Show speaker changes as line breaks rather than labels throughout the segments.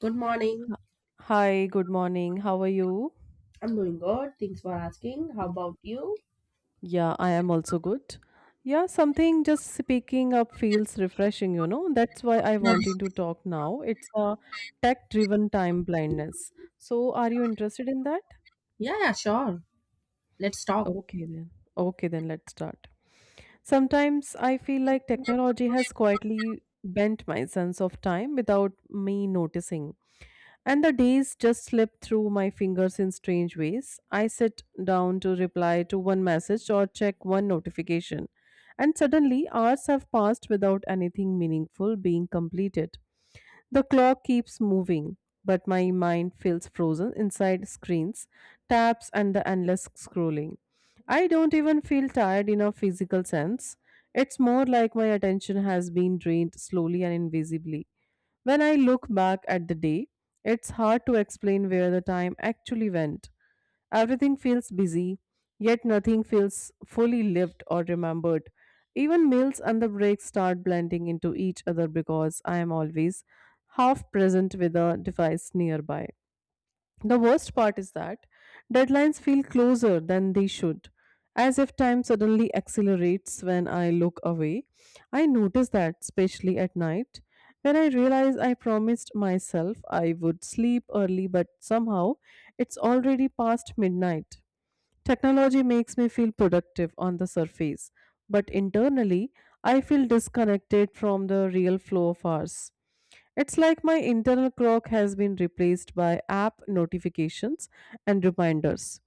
Good morning.
Hi, good morning. How are you?
I'm doing good. Thanks for asking. How about you?
Yeah, I am also good. Yeah, something just picking up feels refreshing, you know. That's why I
Yeah,
wanting to talk now. It's a tech-driven time blindness. So, are you interested in that?
yeah, sure. Let's talk.
Okay then. Okay then, let's start. Sometimes I feel like technology has quietly bent my sense of time without me noticing. And the days just slip through my fingers in strange ways. I sit down to reply to one message or check one notification, and suddenly hours have passed without anything meaningful being completed. The clock keeps moving, but my mind feels frozen inside screens, tabs, and the endless scrolling. I don't even feel tired in a physical sense. It's more like my attention has been drained slowly and invisibly. When I look back at the day, it's hard to explain where the time actually went. Everything feels busy, yet nothing feels fully lived or remembered. Even meals and the breaks start blending into each other because I am always half present with a device nearby. The worst part is that deadlines feel closer than they should, as if time suddenly accelerates when I look away. I notice that, especially at night, when I realize I promised myself I would sleep early, but somehow it's already past midnight. Technology makes me feel productive on the surface, but internally, I feel disconnected from the real flow of ours. It's like my internal clock has been replaced by app notifications and reminders.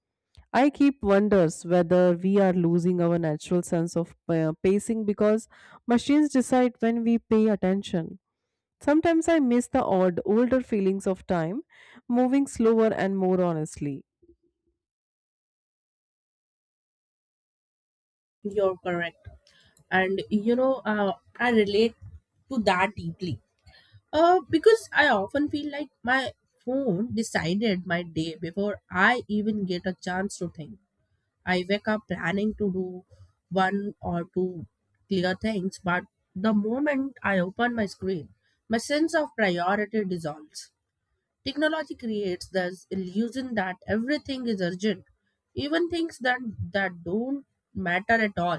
I keep wonders whether we are losing our natural sense of pacing because machines decide when we pay attention. Sometimes I miss the odd older feelings of time moving slower and more honestly.
You're correct. And you know, I relate to that deeply. Because I often feel like my phone decided my day before I even get a chance to think. I wake up planning to do one or two clear things, but the moment I open my screen, my sense of priority dissolves. Technology creates this illusion that everything is urgent, even things that don't matter at all.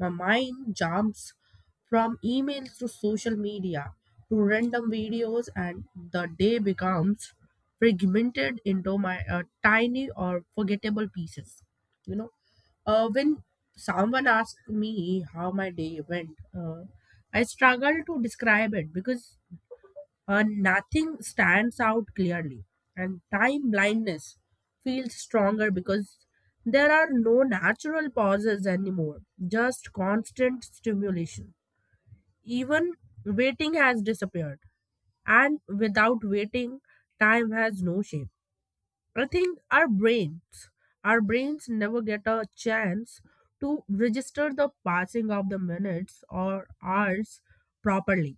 My mind jumps from emails to social media to random videos, and the day becomes fragmented into my tiny or forgettable pieces. You know, when someone asks me how my day went, I struggle to describe it because nothing stands out clearly, and time blindness feels stronger because there are no natural pauses anymore, just constant stimulation. Even waiting has disappeared, and without waiting, time has no shape. I think our brains never get a chance to register the passing of the minutes or hours properly.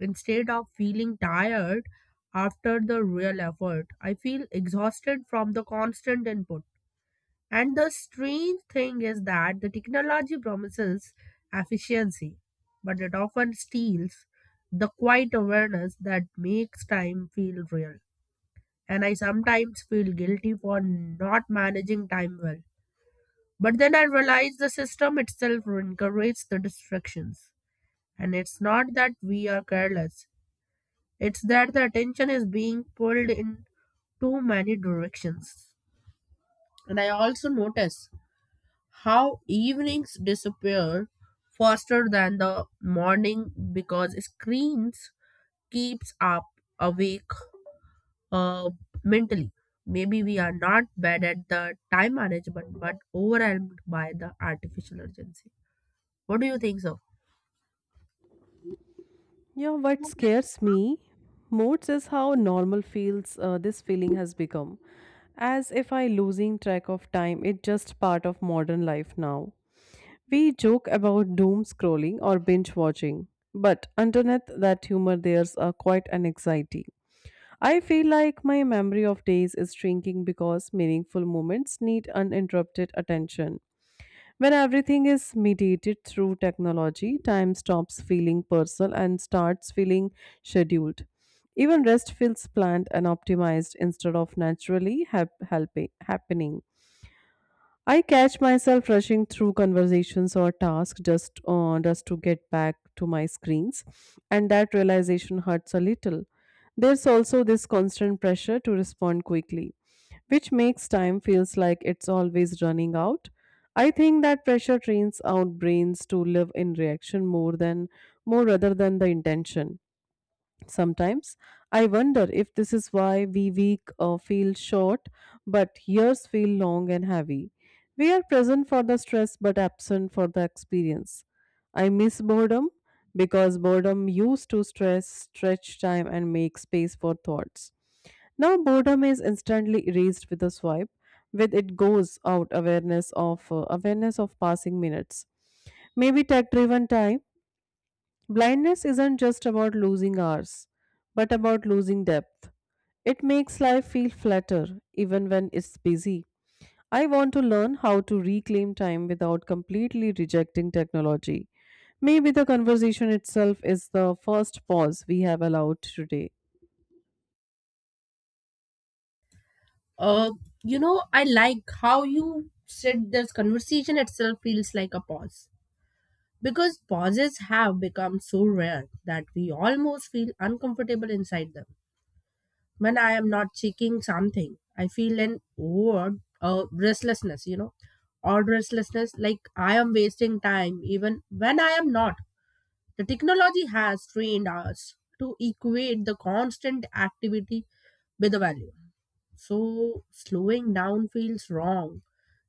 Instead of feeling tired after the real effort, I feel exhausted from the constant input. And the strange thing is that the technology promises efficiency, but it often steals the quiet awareness that makes time feel real. And I sometimes feel guilty for not managing time well. But then I realize the system itself encourages the distractions. And it's not that we are careless, it's that the attention is being pulled in too many directions. And I also notice how evenings disappear faster than the morning because screens keeps up awake uh, mentally. Maybe we are not bad at the time management, but overwhelmed by the artificial urgency. What do you think, so?
Yeah, what scares me most is how normal feels this feeling has become. As if I losing track of time, it's just part of modern life now. We joke about doom scrolling or binge watching, but underneath that humor, there's a quite an anxiety. I feel like my memory of days is shrinking because meaningful moments need uninterrupted attention. When everything is mediated through technology, time stops feeling personal and starts feeling scheduled. Even rest feels planned and optimized instead of naturally happening. I catch myself rushing through conversations or tasks just to get back to my screens, and that realization hurts a little. There's also this constant pressure to respond quickly, which makes time feels like it's always running out. I think that pressure trains out brains to live in reaction more rather than the intention. Sometimes I wonder if this is why we week feel short, but years feel long and heavy. We are present for the stress but absent for the experience. I miss boredom because boredom used to stretch time, and make space for thoughts. Now boredom is instantly erased with a swipe. With it goes out awareness of awareness of passing minutes. Maybe tech-driven time blindness isn't just about losing hours, but about losing depth. It makes life feel flatter, even when it's busy. I want to learn how to reclaim time without completely rejecting technology. Maybe the conversation itself is the first pause we have allowed today.
Uh, you know, I like how you said this conversation itself feels like a pause because pauses have become so rare that we almost feel uncomfortable inside them. When I am not checking something, I feel an odd restlessness, you know, odd restlessness like I am wasting time even when I am not. The technology has trained us to equate the constant activity with the value. So slowing down feels wrong,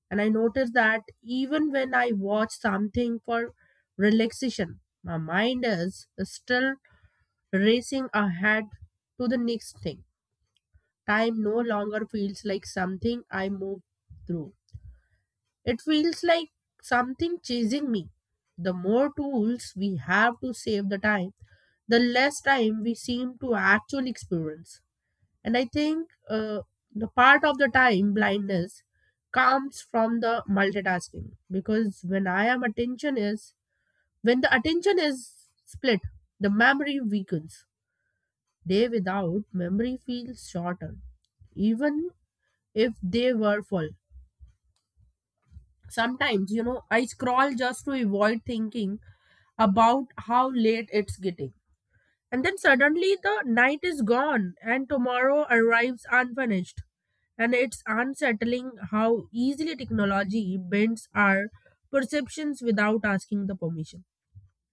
and I notice that even when I watch something for relaxation, my mind is still racing ahead to the next thing. Time no longer feels like something I move through. It feels like something chasing me. The more tools we have to save the time, the less time we seem to actually experience. And I think the part of the time blindness comes from the multitasking because when the attention is split, the memory weakens. Day without memory feels shorter, even if they were full. Sometimes, you know, I scroll just to avoid thinking about how late it's getting. And then suddenly the night is gone and tomorrow arrives unfinished. And it's unsettling how easily technology bends our perceptions without asking the permission.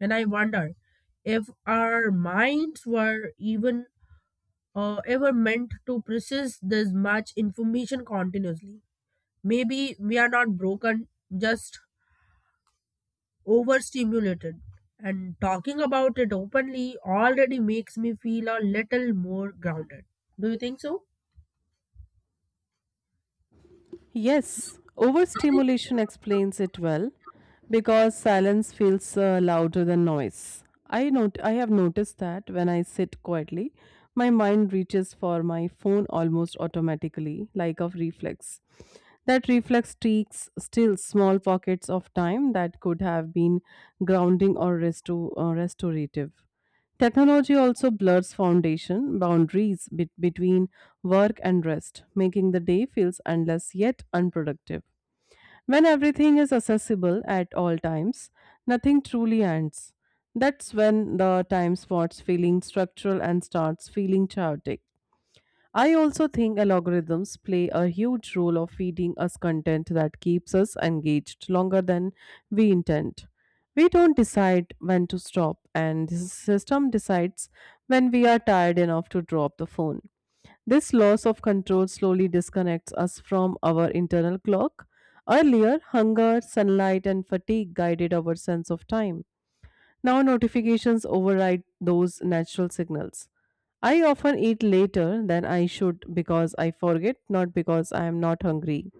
And I wonder if our minds were even ever meant to process this much information continuously. Maybe we are not broken, just overstimulated. And talking about it openly already makes me feel a little more grounded. Do you think so?
Yes, overstimulation explains it well because silence feels louder than noise. I not- I have noticed that when I sit quietly, my mind reaches for my phone almost automatically, like a reflex. That reflex takes still small pockets of time that could have been grounding or restorative. Technology also blurs foundation boundaries between work and rest, making the day feels endless yet unproductive. When everything is accessible at all times, nothing truly ends. That's when the time starts feeling structural and starts feeling chaotic. I also think algorithms play a huge role of feeding us content that keeps us engaged longer than we intend. We don't decide when to stop, and the system decides when we are tired enough to drop the phone. This loss of control slowly disconnects us from our internal clock. Earlier, hunger, sunlight, and fatigue guided our sense of time. Now notifications override those natural signals. I often eat later than I should because I forget, not because I am not hungry.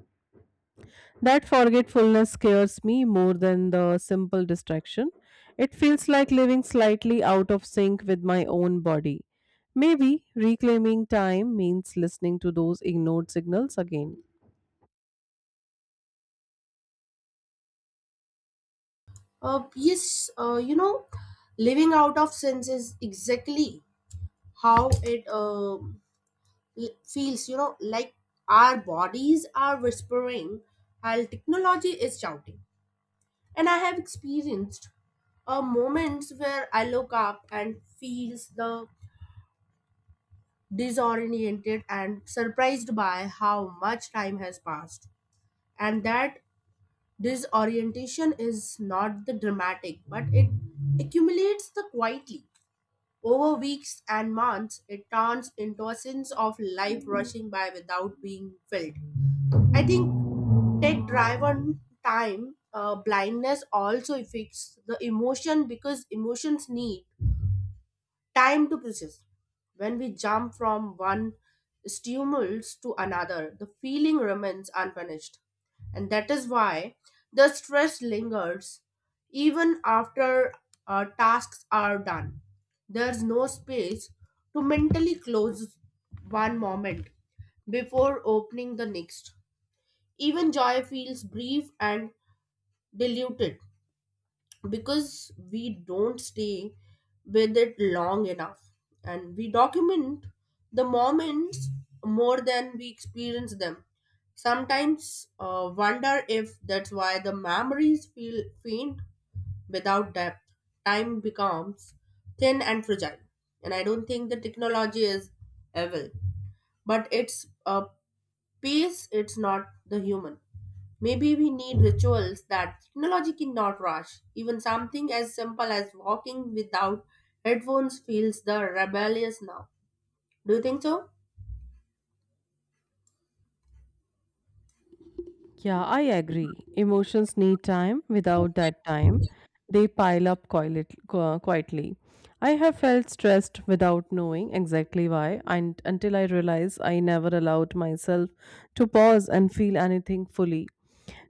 That forgetfulness scares me more than the simple distraction. It feels like living slightly out of sync with my own body. Maybe reclaiming time means listening to those ignored signals again.
Yes, you know, living out of sense is exactly how it feels, you know, like our bodies are whispering while technology is shouting. And I have experienced moments where I look up and feels the disoriented and surprised by how much time has passed. And that disorientation is not the dramatic, but it accumulates the quietly. Over weeks and months, it turns into a sense of life rushing by without being felt. I think tech drive on time blindness also affects the emotion because emotions need time to process. When we jump from one stimulus to another, the feeling remains unfinished. And that is why the stress lingers even after tasks are done. There's no space to mentally close one moment before opening the next. Even joy feels brief and diluted because we don't stay with it long enough, and we document the moments more than we experience them. Sometimes wonder if that's why the memories feel faint without depth. Time becomes thin and fragile, and I don't think the technology is evil, but it's Peace, it's not the human. Maybe we need rituals that technology cannot rush. Even something as simple as walking without headphones feels the rebellious now. Do you think so?
Yeah, I agree. Emotions need time. Without that time, they pile up qu- quietly. I have felt stressed without knowing exactly why, and until I realized I never allowed myself to pause and feel anything fully.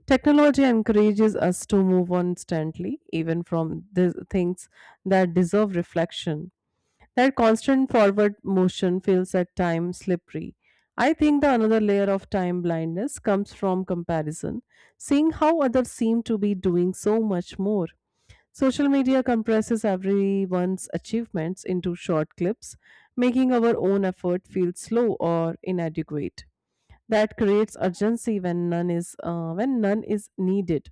Technology encourages us to move on instantly, even from the things that deserve reflection. That constant forward motion feels at times slippery. I think the another layer of time blindness comes from comparison, seeing how others seem to be doing so much more. Social media compresses everyone's achievements into short clips, making our own effort feel slow or inadequate. That creates urgency when none is needed.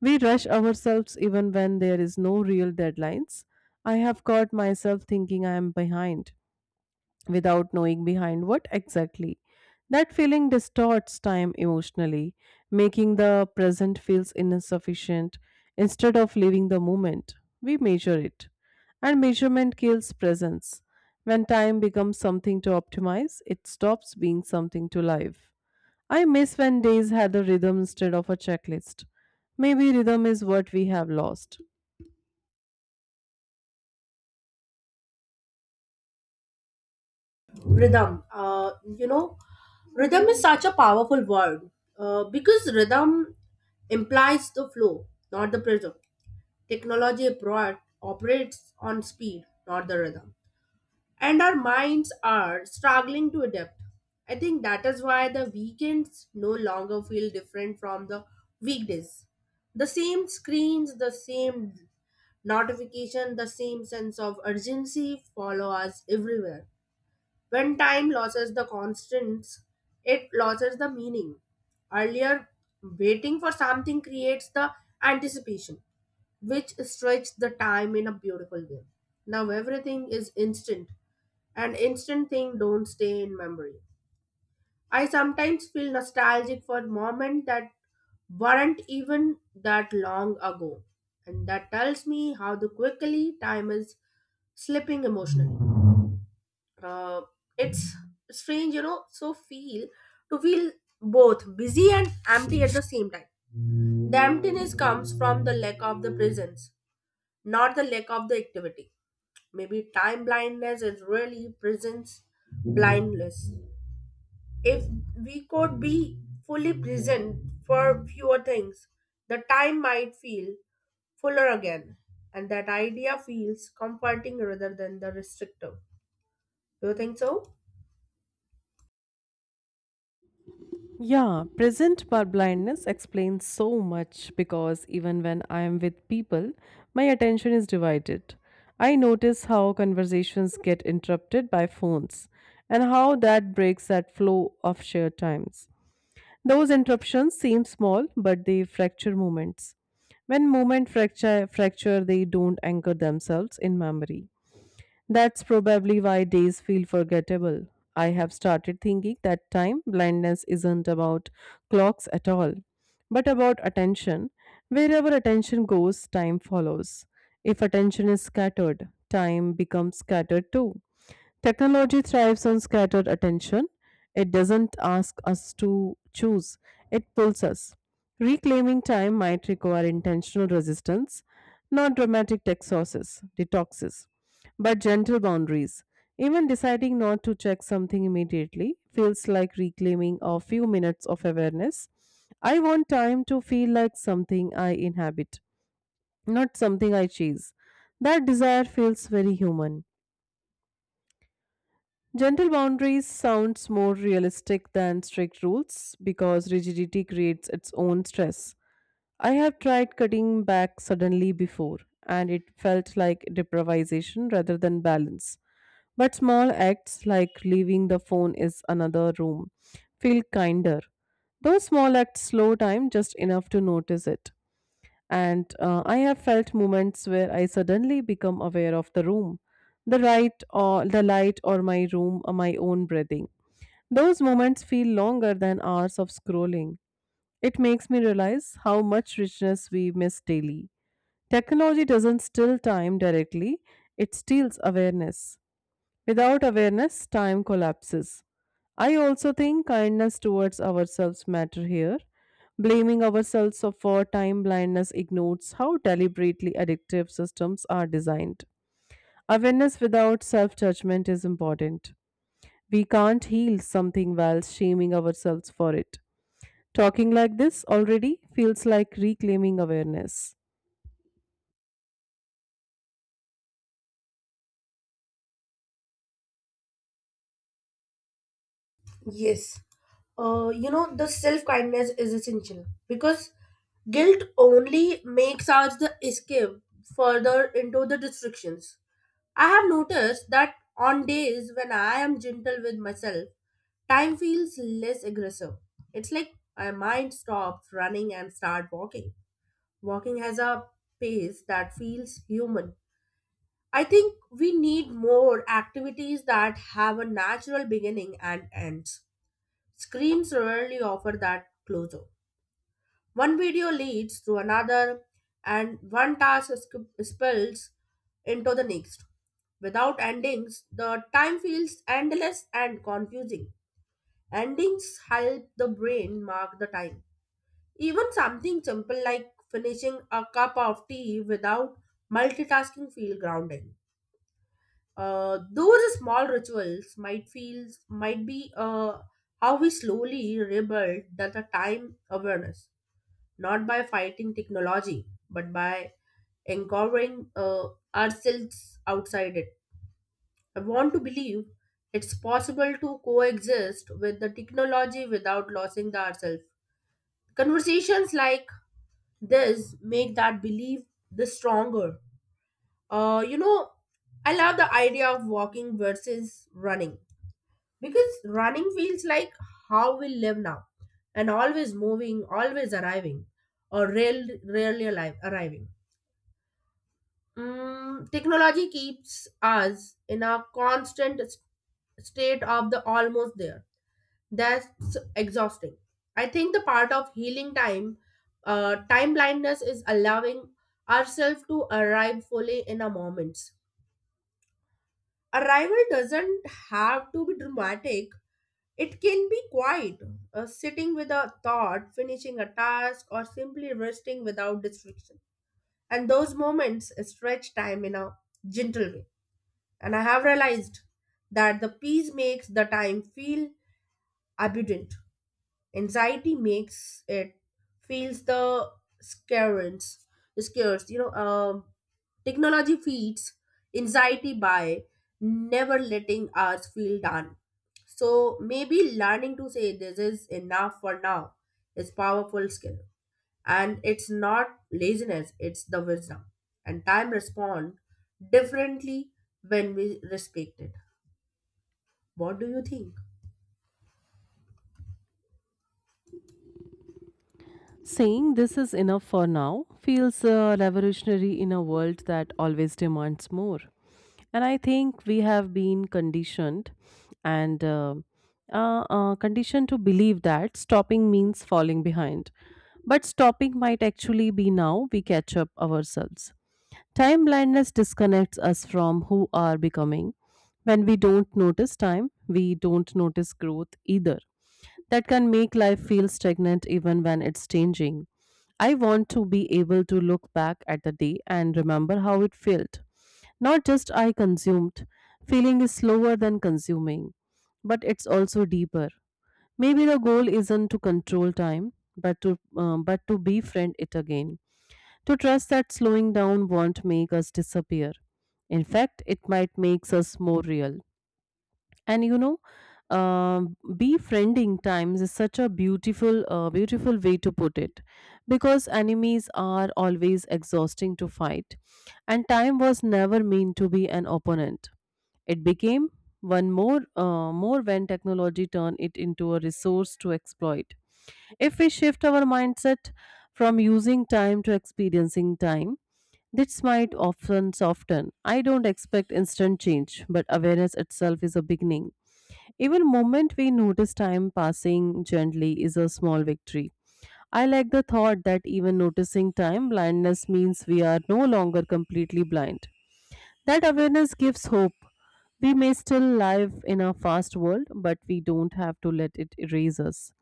We rush ourselves even when there is no real deadlines. I have caught myself thinking I am behind without knowing behind what exactly. That feeling distorts time emotionally, making the present feels insufficient instead of living the moment. We measure it, and measurement kills presence. When time becomes something to optimize, it stops being something to live. I miss when days had a rhythm instead of a checklist. Maybe rhythm is what we have lost.
Rhythm. You know, rhythm is such a powerful word because rhythm implies the flow, not the pressure. Technology abroad operates on speed, not the rhythm. And our minds are struggling to adapt. I think that is why the weekends no longer feel different from the weekdays. The same screens, the same notification, the same sense of urgency follow us everywhere. When time loses the constants, it loses the meaning. Earlier, waiting for something creates the anticipation which stretched the time in a beautiful way. Now everything is instant, and instant things don't stay in memory. I sometimes feel nostalgic for moments that weren't even that long ago, and that tells me how the quickly time is slipping emotionally. Uh, it's strange, you know, so feel to feel both busy and empty at the same time. The emptiness comes from the lack of the presence, not the lack of the activity. Maybe time blindness is really presence blindness. If we could be fully present for fewer things, the time might feel fuller again. And that idea feels comforting rather than the restrictive. Do you think so?
Yeah, present bar blindness explains so much because even when I am with people, my attention is divided. I notice how conversations get interrupted by phones and how that breaks that flow of shared times. Those interruptions seem small, but they fracture moments. When moments fracture, they don't anchor themselves in memory. That's probably why days feel forgettable. I have started thinking that time blindness isn't about clocks at all, but about attention. Wherever attention goes, time follows. If attention is scattered, time becomes scattered too. Technology thrives on scattered attention. It doesn't ask us to choose, it pulls us. Reclaiming time might require intentional resistance, not dramatic exorcises, detoxes, but gentle boundaries. Even deciding not to check something immediately feels like reclaiming a few minutes of awareness. I want time to feel like something I inhabit, not something I chase. That desire feels very human. Gentle boundaries sounds more realistic than strict rules because rigidity creates its own stress. I have tried cutting back suddenly before and it felt like deprivation rather than balance. But small acts like leaving the phone is another room feel kinder. Those small acts slow time just enough to notice it. And I have felt moments where I suddenly become aware of the room, the right or the light or my room or my own breathing. Those moments feel longer than hours of scrolling. It makes me realize how much richness we miss daily. Technology doesn't steal time directly, it steals awareness. Without awareness, time collapses. I also think kindness towards ourselves matter here. Blaming ourselves for time blindness ignores how deliberately addictive systems are designed. Awareness without self-judgment is important. We can't heal something while shaming ourselves for it. Talking like this already feels like reclaiming awareness.
Yes. You know, the self kindness is essential because guilt only makes us the escape further into the restrictions. I have noticed that on days when I am gentle with myself, time feels less aggressive. It's like my mind stops running and start walking. Walking has a pace that feels human. I think we need more activities that have a natural beginning and ends. Screens rarely offer that closure. One video leads to another, and one task is spills into the next. Without endings, the time feels endless and confusing. Endings help the brain mark the time. Even something simple like finishing a cup of tea without multitasking feel grounding. Those small rituals might feel might be how we slowly rebuild that the time awareness, not by fighting technology, but by empowering ourselves outside it. I want to believe it's possible to coexist with the technology without losing the ourselves. Conversations like this make that belief the stronger. You know, I love the idea of walking versus running because running feels like how we live now, and always moving, always arriving, or rarely alive, arriving. Mm, technology keeps us in a constant state of the almost there. That's exhausting. I think the part of healing time, time blindness is allowing ourselves to arrive fully in a moment. Arrival doesn't have to be dramatic. It can be quiet, sitting with a thought, finishing a task, or simply resting without distraction. And those moments stretch time in a gentle way. And I have realized that the peace makes the time feel abundant. Anxiety makes it feels the scarce, scarce. You know, technology feeds anxiety by never letting us feel done. So maybe learning to say this is enough for now is powerful skill, and it's not laziness; it's the wisdom. And time respond differently when we respect it. What do you think?
Saying this is enough for now feels revolutionary in a world that always demands more. And I think we have been conditioned and conditioned to believe that stopping means falling behind. But stopping might actually be now we catch up ourselves. Time blindness disconnects us from who are becoming. When we don't notice time, we don't notice growth either that can make life feel stagnant even when it's changing. I want to be able to look back at the day and remember how it felt. Not just I consumed. Feeling is slower than consuming, but it's also deeper. Maybe the goal isn't to control time, but to befriend it again. To trust that slowing down won't make us disappear. In fact, it might make us more real. And you know, befriending times is such a beautiful way to put it, because enemies are always exhausting to fight, and time was never meant to be an opponent. It became one more more when technology turned it into a resource to exploit. If we shift our mindset from using time to experiencing time, this might often soften. I don't expect instant change, but awareness itself is a beginning. Even moment we notice time passing gently is a small victory. I like the thought that even noticing time blindness means we are no longer completely blind. That awareness gives hope. We may still live in a fast world, but we don't have to let it erase us.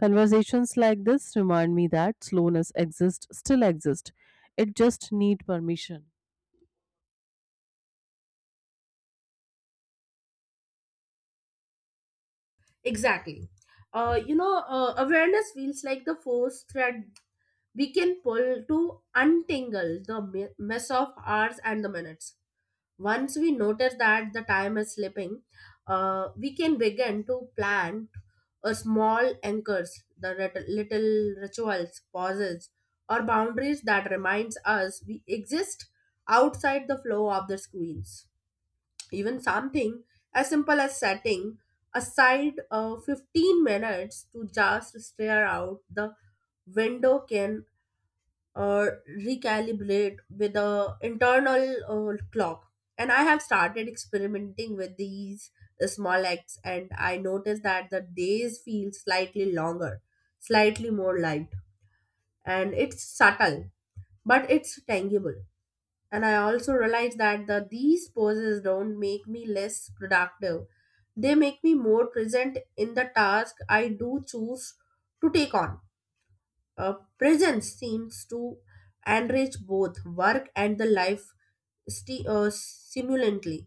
Conversations like this remind me that slowness still exists. It just needs permission.
Exactly. You know, awareness feels like the force thread we can pull to untangle the mess of hours and the minutes. Once we notice that the time is slipping, we can begin to plant a small anchors, the little rituals, pauses, or boundaries that reminds us we exist outside the flow of the screens. Even something as simple as setting aside 15 minutes to just stare out the window can uh, recalibrate with the internal clock. And I have started experimenting with these small acts, and I noticed that the days feel slightly longer, slightly more light, and it's subtle, but it's tangible. And I also realize that the these poses don't make me less productive. They make me more present in the task I do choose to take on. Presence seems to enrich both work and the life, simultaneously.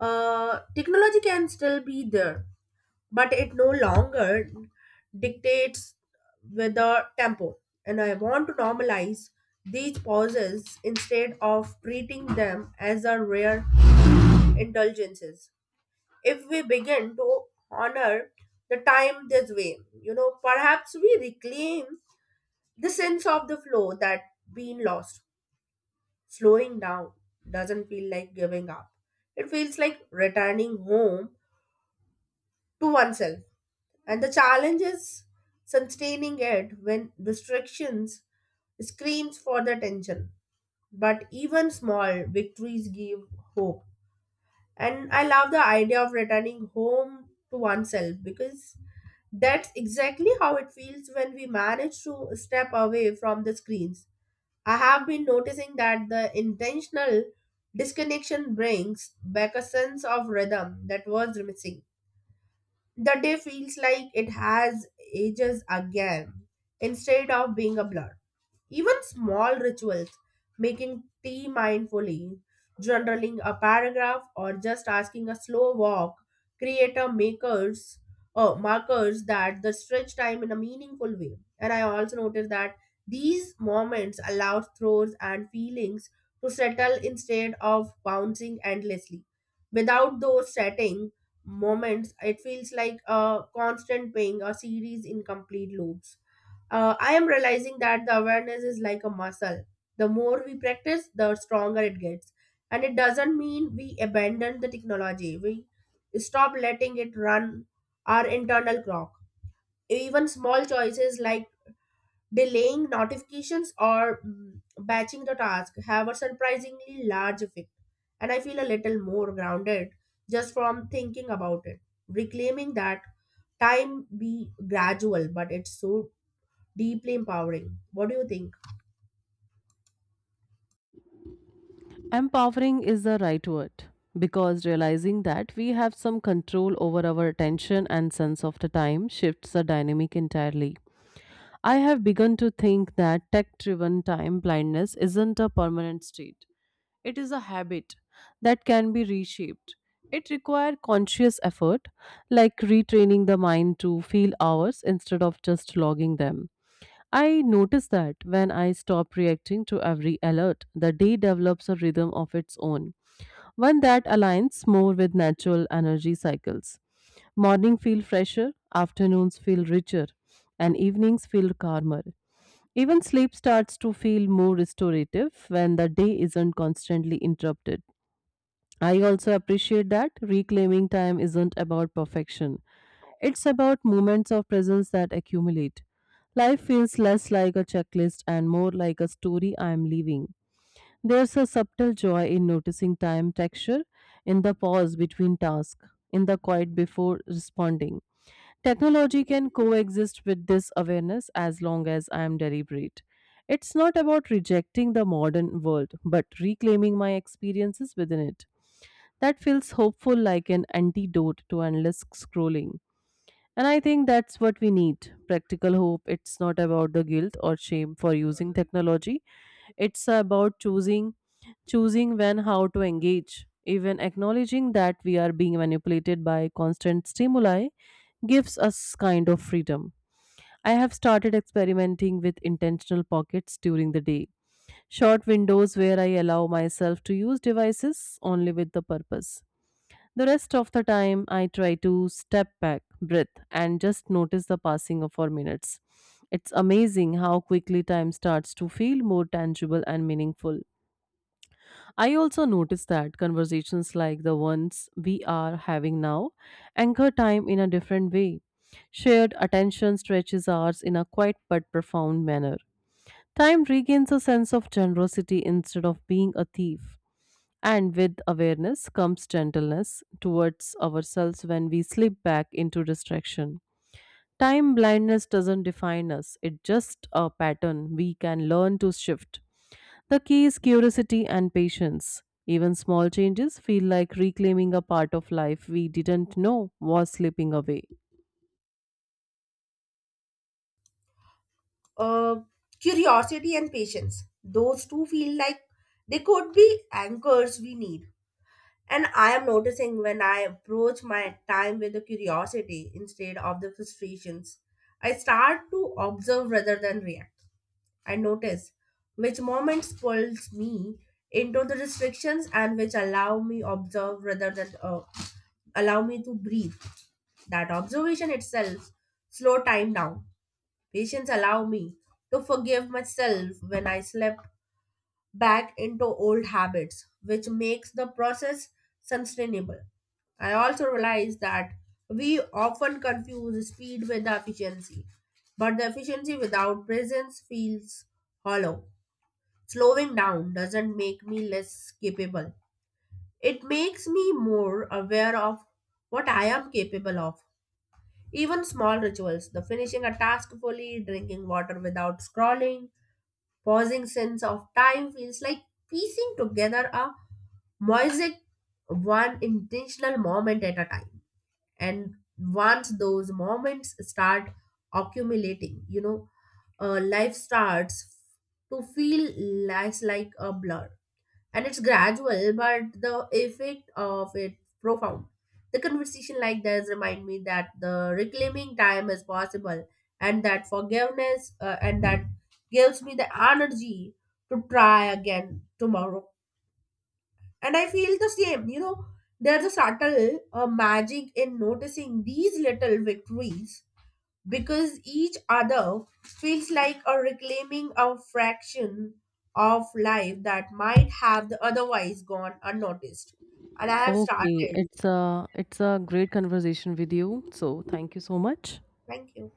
Technology can still be there, but it no longer dictates with the tempo. And I want to normalize these pauses instead of treating them as a rare indulgences. If we begin to honor the time this way, you know, perhaps we reclaim the sense of the flow that been lost. Slowing down doesn't feel like giving up. It feels like returning home to oneself. And the challenge is sustaining it when restrictions screams for the attention. But even small victories give hope. And I love the idea of returning home to oneself because that's exactly how it feels when we manage to step away from the screens. I have been noticing that the intentional disconnection brings back a sense of rhythm that was missing. The day feels like it has ages again instead of being a blur. Even small rituals, making tea mindfully, journaling a paragraph, or just asking a slow walk, create a makers markers that the stretch time in a meaningful way. And I also noticed that these moments allow thoughts and feelings to settle instead of bouncing endlessly. Without those settings moments, it feels like a constant paying a series in complete loops. I am realizing that the awareness is like a muscle. The more we practice, the stronger it gets, and it doesn't mean we abandon the technology. We stop letting it run our internal clock. Even small choices like delaying notifications or batching the task have a surprisingly large effect, and I feel a little more grounded just from thinking about it. Reclaiming that time be gradual, but it's so deeply empowering. What do you think?
Empowering is the right word because realizing that we have some control over our attention and sense of the time shifts the dynamic entirely. I have begun to think that tech driven time blindness isn't a permanent state. It is a habit that can be reshaped. It requires conscious effort, like retraining the mind to feel hours instead of just logging them. I notice that when I stop reacting to every alert, the day develops a rhythm of its own, one that aligns more with natural energy cycles. Morning feel fresher, afternoons feel richer, and evenings feel calmer. Even sleep starts to feel more restorative when the day isn't constantly interrupted. I also appreciate that reclaiming time isn't about perfection. It's about moments of presence that accumulate. Life feels less like a checklist and more like a story I am living. There's a subtle joy in noticing time texture, in the pause between tasks, in the quiet before responding. Technology can coexist with this awareness as long as I am deliberate. It's not about rejecting the modern world, but reclaiming my experiences within it. That feels hopeful like an antidote to endless scrolling. And I think that's what we need practical hope. It's not about the guilt or shame for using technology, it's about choosing when, how to engage. Even acknowledging that we are being manipulated by constant stimuli gives us kind of freedom. I have started experimenting with intentional pockets during the day, short windows where I allow myself to use devices only with the purpose the rest of the time, I try to step back, breathe, and just notice the passing of our minutes. It's amazing how quickly time starts to feel more tangible and meaningful. I also notice that conversations like the ones we are having now anchor time in a different way. Shared attention stretches ours in a quiet but profound manner. Time regains a sense of generosity instead of being a thief. And with awareness comes gentleness towards ourselves when we slip back into distraction. Time blindness doesn't define us, it's just a pattern we can learn to shift. The key is curiosity and patience. Even small changes feel like reclaiming a part of life we didn't know was slipping away.
Uh, Curiosity and patience; those two feel like they could be anchors we need. And I am noticing when I approach my time with the curiosity instead of the frustrations, I start to observe rather than react. I notice which moments pulls me into the restrictions and which allow me observe rather than allow me to breathe. That observation itself slow time down. Patience allow me to forgive myself when I slept back into old habits, which makes the process sustainable. I also realize that we often confuse speed with efficiency, but the efficiency without presence feels hollow. Slowing down doesn't make me less capable. It makes me more aware of what I am capable of. Even small rituals, the finishing a task fully, drinking water without scrolling, pausing sense of time feels like piecing together a music one intentional moment at a time. And once those moments start accumulating, you know, life starts to feel less like a blur, and it's gradual, but the effect of it profound. The conversation like this remind me that the reclaiming time is possible, and that forgiveness and that gives me the energy to try again tomorrow. And I feel the same. You know, there's a subtle magic in noticing these little victories because each other feels like a reclaiming a fraction of life that might have the otherwise gone unnoticed. And I have
Okay,
started.
it's a great conversation with you. So thank you so much.
Thank you.